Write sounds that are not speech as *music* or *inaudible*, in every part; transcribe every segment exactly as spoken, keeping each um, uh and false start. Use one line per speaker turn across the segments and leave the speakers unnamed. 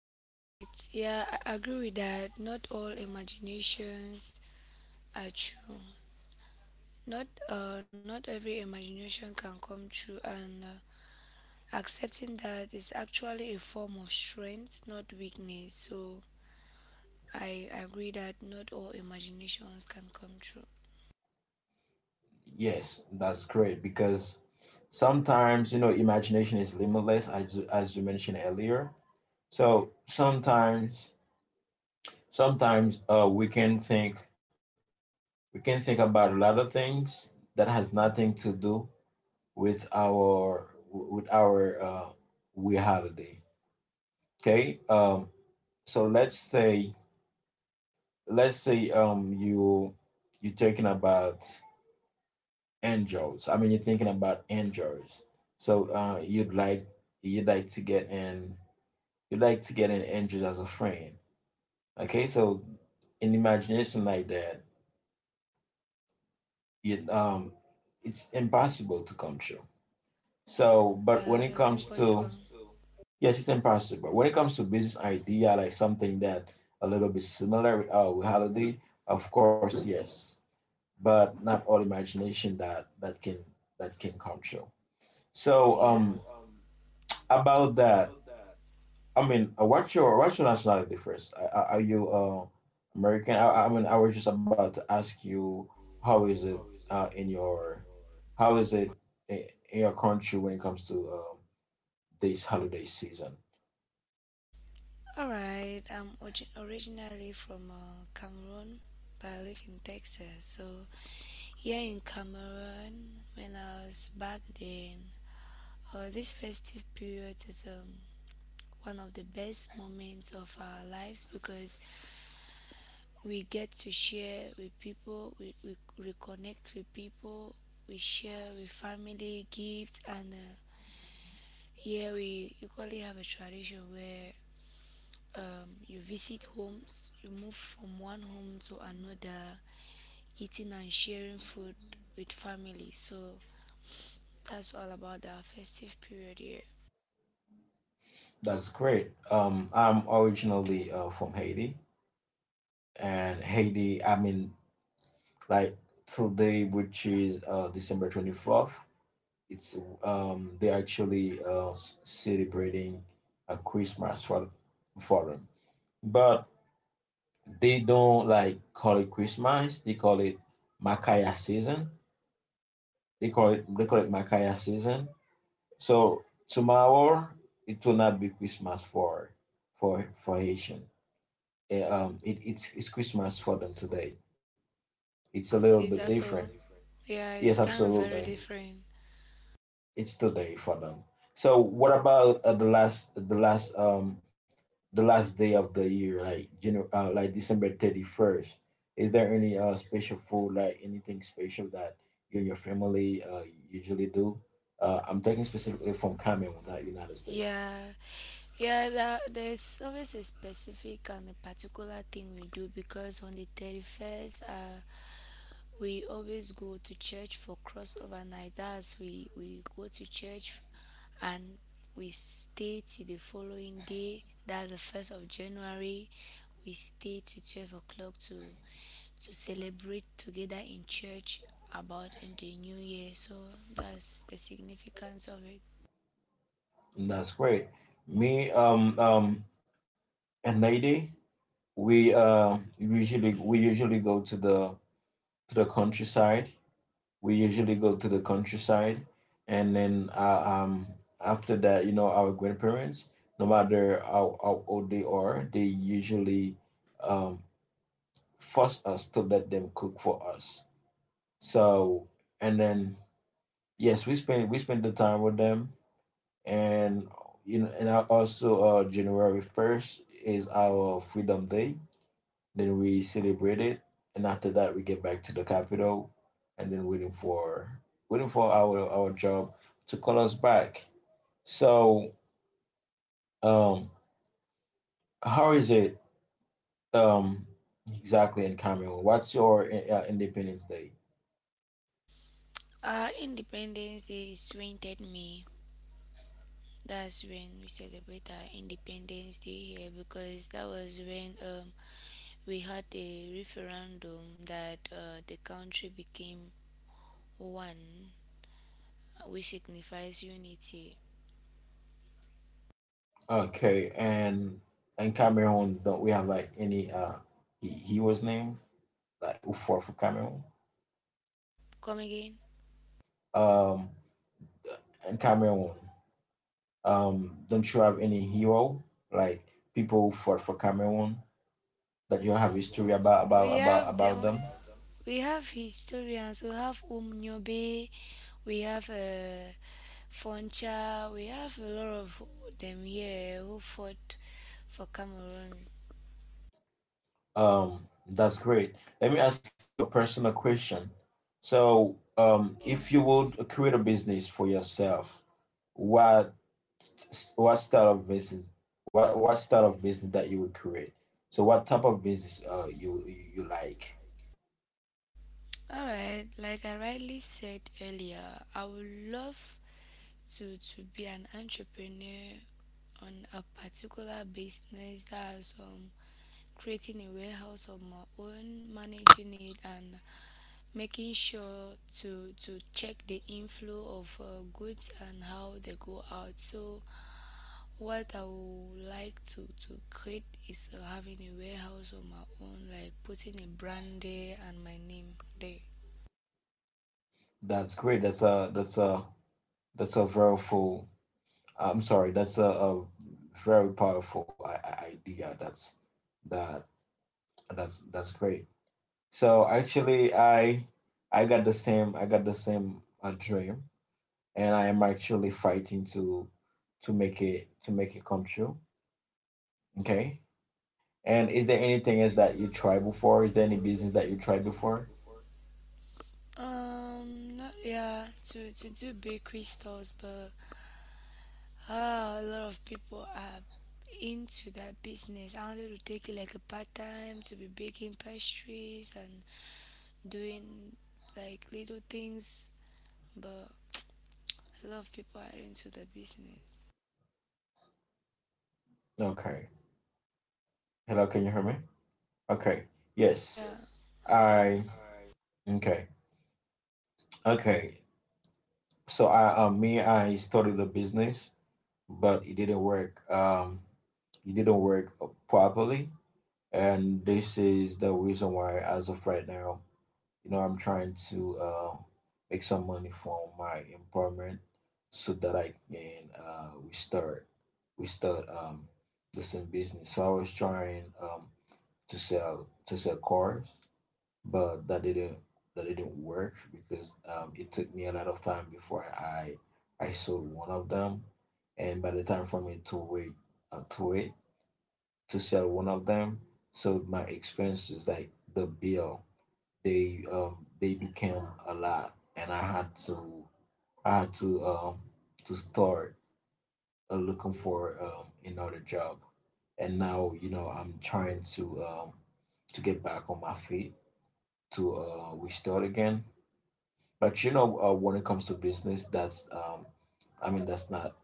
All right, yeah, I agree with that. Not all imaginations are true. Not uh, not every imagination can come true, and uh, accepting that is actually a form of strength, not weakness. So I agree that not all imaginations can come true.
Yes, that's great because sometimes, you know, imagination is limitless, as as you mentioned earlier. So sometimes, sometimes uh, we can think we can think about a lot of things that has nothing to do with our with our uh, reality. Okay. Um. So let's say let's say um you you're talking about angels. I mean, you're thinking about angels. So uh, you'd like you'd like to get an you'd like to get an angel as a friend. Okay, so in imagination like that, it um it's impossible to come true. So, but when
Yeah,
it
it's
comes to
impossible.
yes, it's impossible. When it comes to business idea, like something that a little bit similar uh, with holiday, of course, yes, but not all imagination that that can that can come true.
*laughs*
So
Yeah.
um about that, I mean, uh, what's your what's your nationality first? Are, are are you uh, American? I, I mean, I was just about to ask you how is it uh, in your how is it i- in your country when it comes to uh, this holiday season?
All right, I'm orgi- originally from uh, Cameroon, but I live in Texas. So, here in Cameroon, when I was back then, uh, this festive period is um, one of the best moments of our lives because we get to share with people, we, we reconnect with people, we share with family, gifts, and uh, here we equally have a tradition where um, you visit homes, you move from one home to another, eating and sharing food with family. So that's all about the festive period here.
That's great. Um, I'm originally uh, from Haiti, and Haiti, I mean, like today, which is uh, December twenty-fourth. It's um, they actually uh, s- celebrating a Christmas for for them. But they don't like call it Christmas. They call it Makaya season. They call it they call it Makaya season. So tomorrow it will not be Christmas for for for Haitian. Eh, Um, it, it's it's Christmas for them today. It's a
Ah,
little
is
bit
that
different.
so? Yeah, it's
Yes,
kind of very
absolutely.
different.
It's the day for them. So what about uh, the last the last um the last day of the year, like January, uh, like December thirty first? Is there any uh special food, like anything special that you and your family uh usually do? Uh, I'm talking specifically from Cameroon, not United States.
Yeah, yeah. There, there's always a specific and a particular thing we do because on the thirty first, uh, we always go to church for crossover night. That's we we go to church and we stay till the following day. That's the first of January. We stay till twelve o'clock to to celebrate together in church about in the new year. So that's the significance of it.
That's great. Me, um, um, and lady, we uh usually we usually go to the to the countryside. We usually go to the countryside and then uh, um after that, you know, our grandparents, no matter how, how old they are, they usually um force us to let them cook for us. So and then yes, we spend we spend the time with them. And you know, and I also, uh January first is our Freedom Day, then we celebrate it, and after that we get back to the capital, and then waiting for waiting for our our job to call us back. So, um, how is it um exactly in Cameroon? What's your uh, Independence Day?
Our Independence Day is twentieth of May. That's when we celebrate our Independence Day here because that was when um, we had a referendum that uh, the country became one, uh, which signifies unity.
Okay, and in Cameroon, don't we have like any uh he, he was named like for for Cameroon?
Come again?
Um, in Cameroon, um, don't you have any hero like people who fought for Cameroon? That you don't have history about about
We
about
have the
about them.
we have historians. We have Umnyobe. We have uh, Foncha. We have a lot of them here who fought for Cameroon.
Um, that's great. Let me ask you a personal question. So, um,
Okay.
if
Um,
you
if
would create a business for yourself, what what style of business what what style of business that you would create? So, what type of business uh you you, you like?
All right, like I rightly said earlier, I would love to to be an entrepreneur on a particular business that is um creating a warehouse of my own, managing it and making sure to to check the inflow of uh, goods and how they go out. So what I would like to to create is uh, having a warehouse of my own, like putting a brand there and my name there.
That's great. That's a that's a that's a very full. I'm sorry. That's a, a very powerful i- i- idea. That's that that's that's great. So actually, I I got the same I got the same uh, dream, and I am actually fighting to to make it to make it come true. Okay. And is there anything else that you tried before? Is there any business that you tried before?
Um, not yeah, to to do bakery stores, but ah, a lot of people are into that business. I wanted to take it like a part time to be baking pastries and doing like little things, but a lot of people are into the business.
Okay. Hello, can you hear me? Okay. Yes.
Yeah, I'm there.
I okay. Okay. So I uh, me I started a business, but it didn't work. Um, it didn't work properly, and this is the reason why, as of right now, you know, I'm trying to uh, make some money from my employment so that I can uh, we start we start um the same business. So I was trying um to sell to sell cars, but that didn't that didn't work because um, it took me a lot of time before i i sold one of them. And by the time for me to wait uh, to wait to sell one of them, so my expenses like the bill, they um they became a lot, and I had to I had to um to start uh, looking for um another job. And now, you know, I'm trying to um to get back on my feet to uh restart again. But you know, uh, when it comes to business, that's um I mean that's not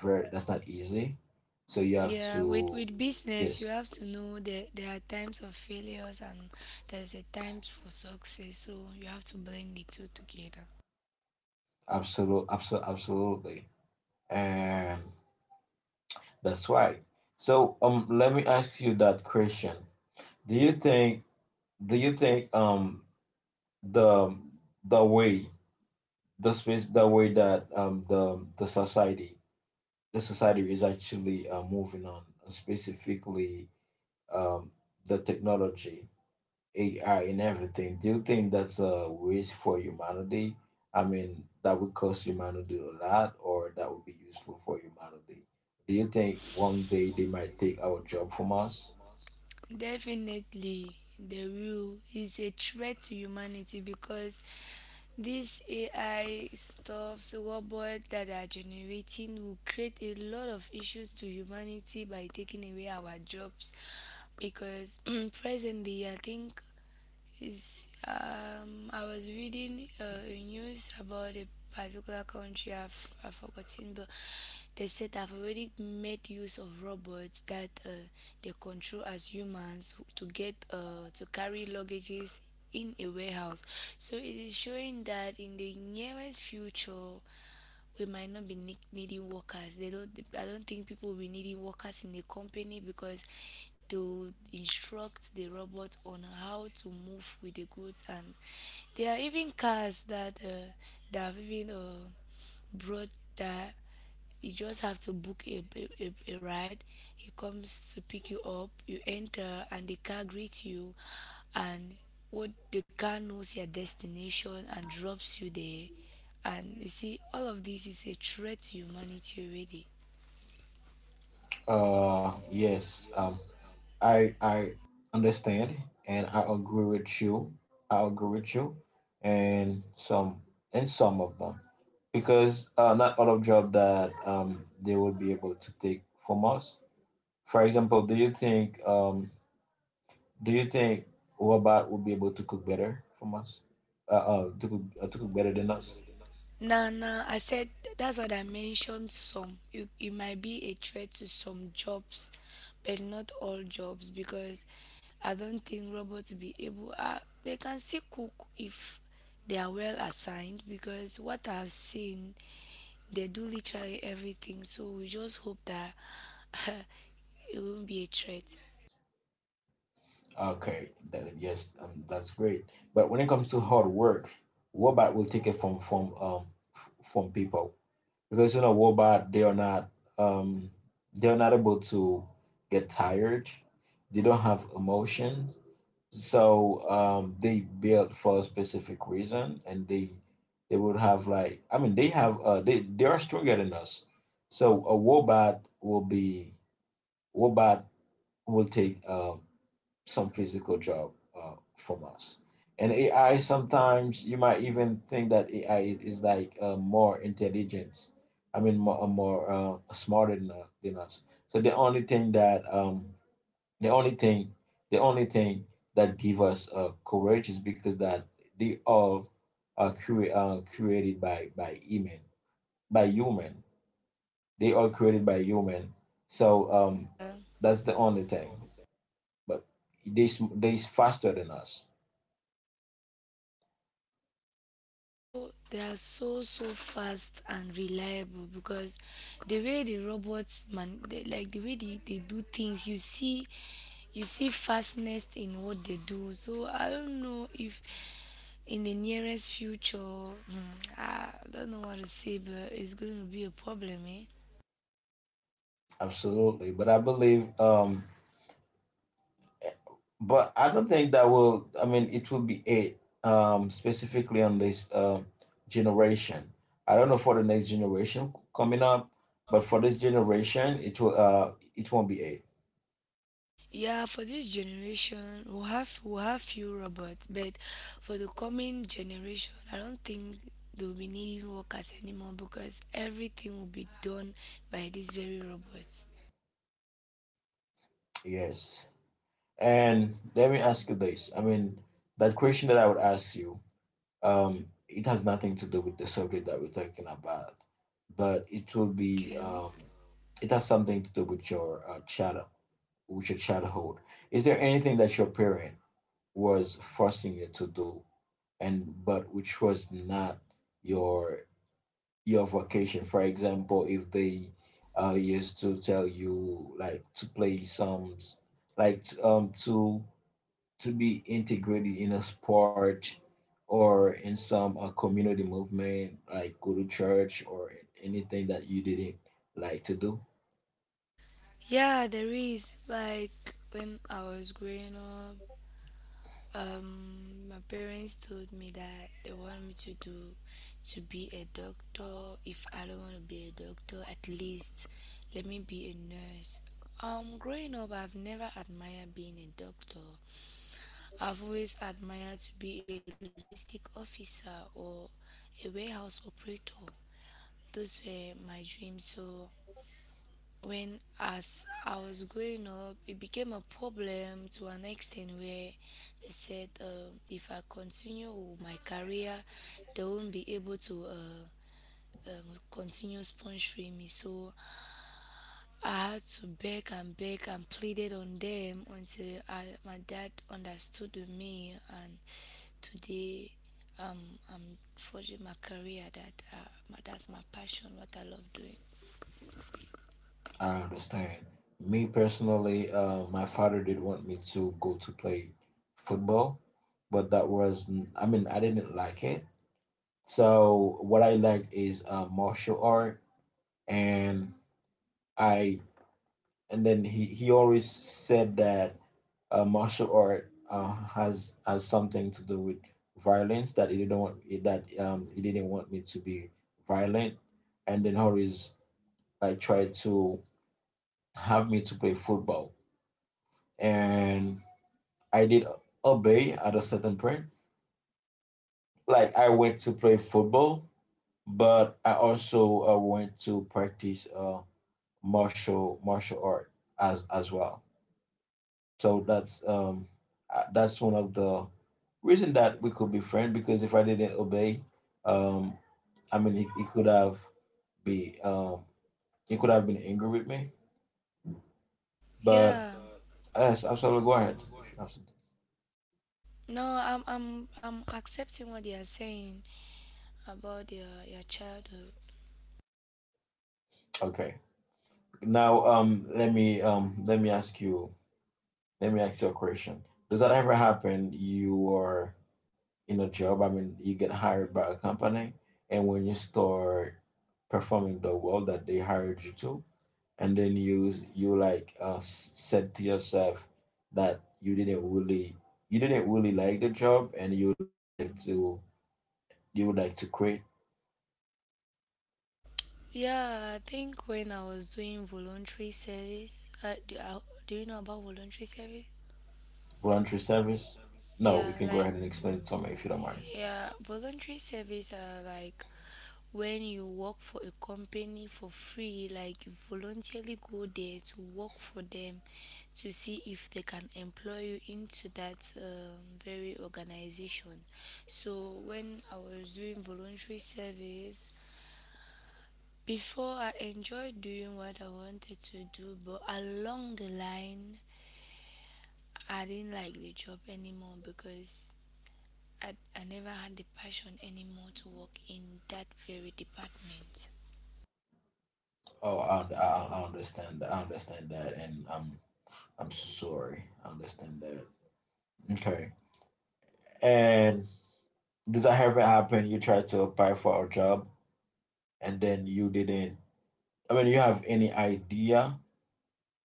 very, that's not easy. So you have
Yeah, with
to
with business, you
yes.
have to know that there are times of failures and there's a times for success. So you have to blend the two together.
Absolute absolutely absolutely. And that's right. So um, let me ask you that question. Do you think do you think um the the way the space the way that um the the society, the society is actually uh, moving on specifically, um the technology, A I and everything. Do you think that's a risk for humanity? I mean, that would cost humanity a lot, or that would be useful for humanity. Do you think one day they might take our job from us?
Definitely, the will is a threat to humanity because this A I stuffs robots that are generating will create a lot of issues to humanity by taking away our jobs. Because *clears throat* presently, I think is um, I was reading uh, a news about a particular country I've, I've forgotten, but they said they've already made use of robots that uh, they control as humans to get uh, to carry luggages in a warehouse. So it is showing that in the nearest future, we might not be ne- needing workers. They don't. I don't think people will be needing workers in the company because they will instruct the robot on how to move with the goods, and there are even cars that uh, that have even uh, brought that you just have to book a, a, a, a ride. He comes to pick you up, you enter and the car greets you, and what the car knows your destination and drops you there. And you see all of this is a threat to humanity already.
Uh, yes, um, I I understand and I agree with you. I agree with you, and some, and some of them because uh, not all of job that um they will be able to take from us. For example, do you think um do you think robot will be able to cook better from us? Uh, uh to cook uh, to cook better than us?
Nah, nah. I said that's what I mentioned. Some you, you might be a threat to some jobs, but not all jobs because I don't think robots will be able. Uh, they can still cook if they are well assigned because what I've seen, they do literally everything. So we just hope that *laughs* it won't be a threat.
Okay, that, yes, um, that's great. But when it comes to hard work, Wobot will take it from from um f- from people because, you know, Wobot, they are not um they are not able to get tired. They don't have emotion, so um, they built for a specific reason, and they they would have like, I mean, they have uh they they are stronger than us. So a Wobot will be Wobot will take um some physical job uh, from us. And A I sometimes you might even think that AI i- is is like uh, more intelligent. I mean, more, uh, more uh, smarter than, uh, than us. So the only thing that um, the only thing the only thing that give us uh, courage is because that they all are cre- uh, created by by human by human. They are created by human. So um,
Uh,
that's the only thing. But they s- they s- faster than us.
So they are so so fast and reliable because the way the robots man they, like the way they, they do things, you see you see fastness in what they do. So I don't know if in the nearest future, hmm, I don't know what to say, but it's going to be a problem, eh.
Absolutely. But I believe, um, but I don't think that will, I mean, it will be it um, specifically on this uh, generation. I don't know for the next generation coming up, but for this generation, it will, uh, it won't be it.
Yeah, for this generation, we'll have we'll have few robots, but for the coming generation, I don't think they'll be needing workers anymore because everything will be done by these very robots.
Yes. And let me ask you this. I mean, that question that I would ask you, um, it has nothing to do with the subject that we're talking about, but it will be,
Okay.
um, it has something to do with your uh, child, with your childhood. Is there anything that your parent was forcing you to do, and but which was not your your vocation? For example, if they uh, used to tell you like to play some s- like t- um to to be integrated in a sport or in some uh, community movement, like go to church or anything that you didn't like to do.
Yeah, there is. Like when I was growing up, Um, my parents told me that they want me to do to be a doctor. If I don't want to be a doctor, at least let me be a nurse. Um, growing up, I've never admired being a doctor. I've always admired to be a logistic officer or a warehouse operator. Those were my dreams. So when as I was growing up, it became a problem to an extent where they said um, if I continue with my career, they won't be able to uh, um, continue sponsoring me. So I had to beg and beg and pleaded on them until I, my dad understood with me, and today. Um, I'm forging my career that uh, my, that's my passion, what I love doing.
I understand. Me personally, uh, my father did want me to go to play football, but that was, n- I mean, I didn't like it. So what I like is uh, martial art. And I, and then he he always said that uh, martial art uh, has has something to do with violence, that he didn't want, that um, he didn't want me to be violent. And then always like tried to have me to play football. And I did obey at a certain point. Like I went to play football, but I also uh, went to practice uh, martial martial art as as well. So that's um uh, that's one of the reason that we could be friends because if I didn't obey, um I mean he, he could have be um he could have been angry with me. But
Yeah.
yes, absolutely, go ahead if you have to.
No, I'm I'm I'm accepting what you're saying about your your childhood.
Okay. Now um, let me um let me ask you Let me ask you a question. Does that ever happen? You are in a job, I mean, you get hired by a company, and when you start performing the role that they hired you to, and then you you like uh, s- said to yourself that you didn't really, you didn't really like the job, and you would like to, you would like to quit
Yeah, I think when I was doing voluntary service, uh, do, uh, do you know about voluntary service?
voluntary service. No,
Yeah,
you can go ahead
like
and explain it to me if you don't mind.
yeah, voluntary service are like when you work for a company for free, like you voluntarily go there to work for them to see if they can employ you into that um, very organization. So when I was doing voluntary service, before I enjoyed doing what I wanted to do, but along the line, I didn't like the job anymore because I, I never had the passion anymore to work in that very department.
Oh, I, I, I understand. I understand that, and I'm I'm so sorry. I understand that. Okay. And does that ever happen? You try to apply for a job and then you didn't. I mean, you have any idea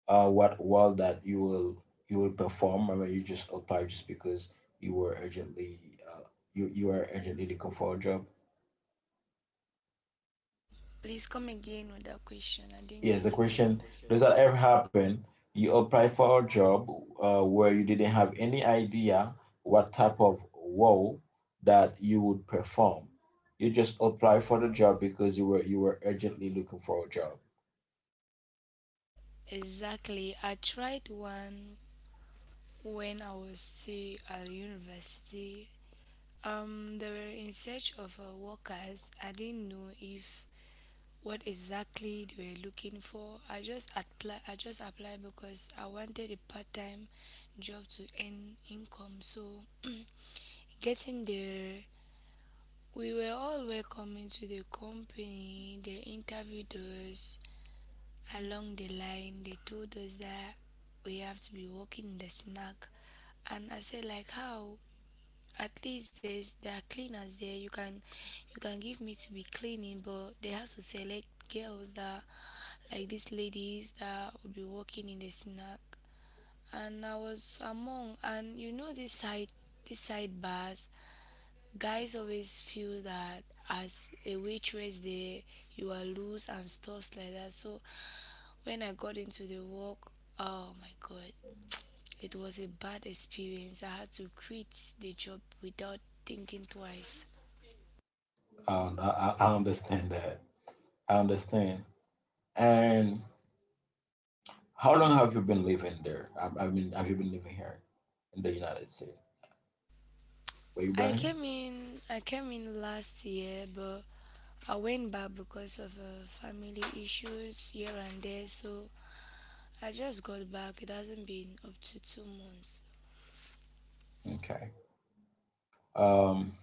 uh what role that you will you will perform? I mean, you just apply just because you were urgently uh you you are urgently looking for a job.
Please come again with that question. I didn't
Yes, the
get it
question,
well.
does that ever happen? You apply for a job uh, where you didn't have any idea what type of role that you would perform. You just apply for the job because you were you were urgently looking for a job.
Exactly. I tried one when I was still at university. Um, they were in search of uh, workers. I didn't know if what exactly they were looking for. I just apply. I just applied because I wanted a part-time job to earn income. So, *clears throat* getting the we were all welcome into the company. They interviewed us. Along the line, they told us that we have to be working in the snack. And I said, like, how? At least there's there are cleaners there. You can you can give me to be cleaning, but they have to select girls that like these ladies that will be working in the snack. And I was among, and you know this side, these side bars, guys always feel that as a waitress there you are loose and stuffs like that. So when I got into the work, oh my god, it was a bad experience. I had to quit the job without thinking twice.
Um, I, I I understand that. I understand. And how long have you been living there? I, I mean, have you been living here in the United States? Were you
I
born
came in I came in last year, but I went back because of uh, family issues here and there, so I just got back. It hasn't been up to two months.
here? Okay. Um,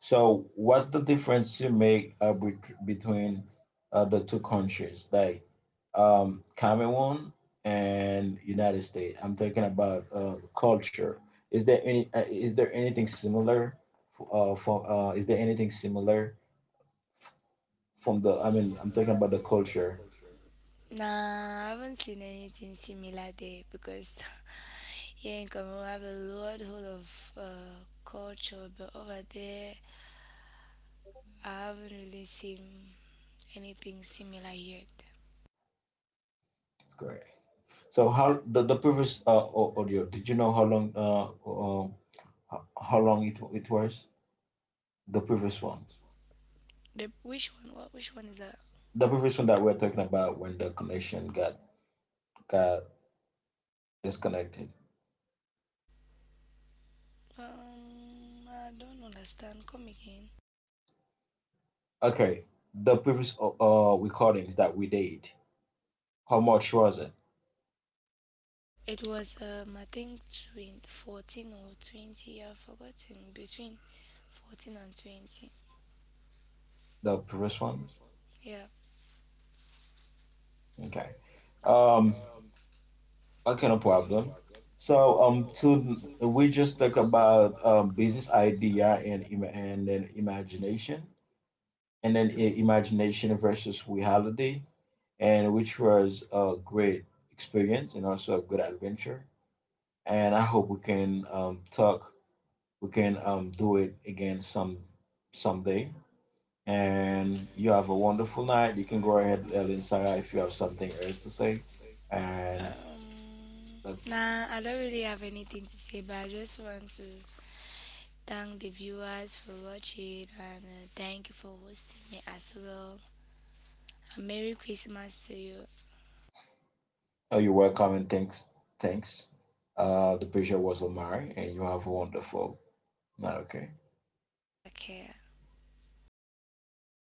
so, what's the difference you make uh, bet- between uh, the two countries, like um, Cameroon and United States? I'm talking about uh, culture. Is there any? Uh, is there anything similar? F- Uh, for uh, Is there anything similar from the? I mean, I'm talking about the culture.
Nah, I haven't seen anything similar there because *laughs* here in Cameroon I have a lot whole of uh, culture, but over there I haven't really seen anything similar yet.
That's correct. So, how the, the previous uh, au- audio, did you know how long uh, uh h- how long it it was? The previous one,
The which one? What which one is that?
the previous one that we're talking about when the connection got got disconnected.
Um, I don't understand. Come again.
Okay, the previous uh, uh, recordings that we did, how much was it?
It was um I think twenty, fourteen or twenty. I've forgotten between fourteen and twenty.
The previous one?
Yeah.
Okay. Um, okay, no problem. So um, to we just talk about um, business idea and im- and then imagination, and then i- imagination versus reality, and which was a great experience and also a good adventure. And I hope we can um, talk, we can um, do it again some someday, and you have a wonderful night. You can go ahead, Ellen Sarah, if you have something else to say. And
Um,
that's
nah, I don't really have anything to say, but I just want to thank the viewers for watching and uh, thank you for hosting me as well. A Merry Christmas to you.
oh, you're welcome and thanks. Thanks. Uh, the pleasure was all mine, and you have a wonderful night. Okay.
Okay.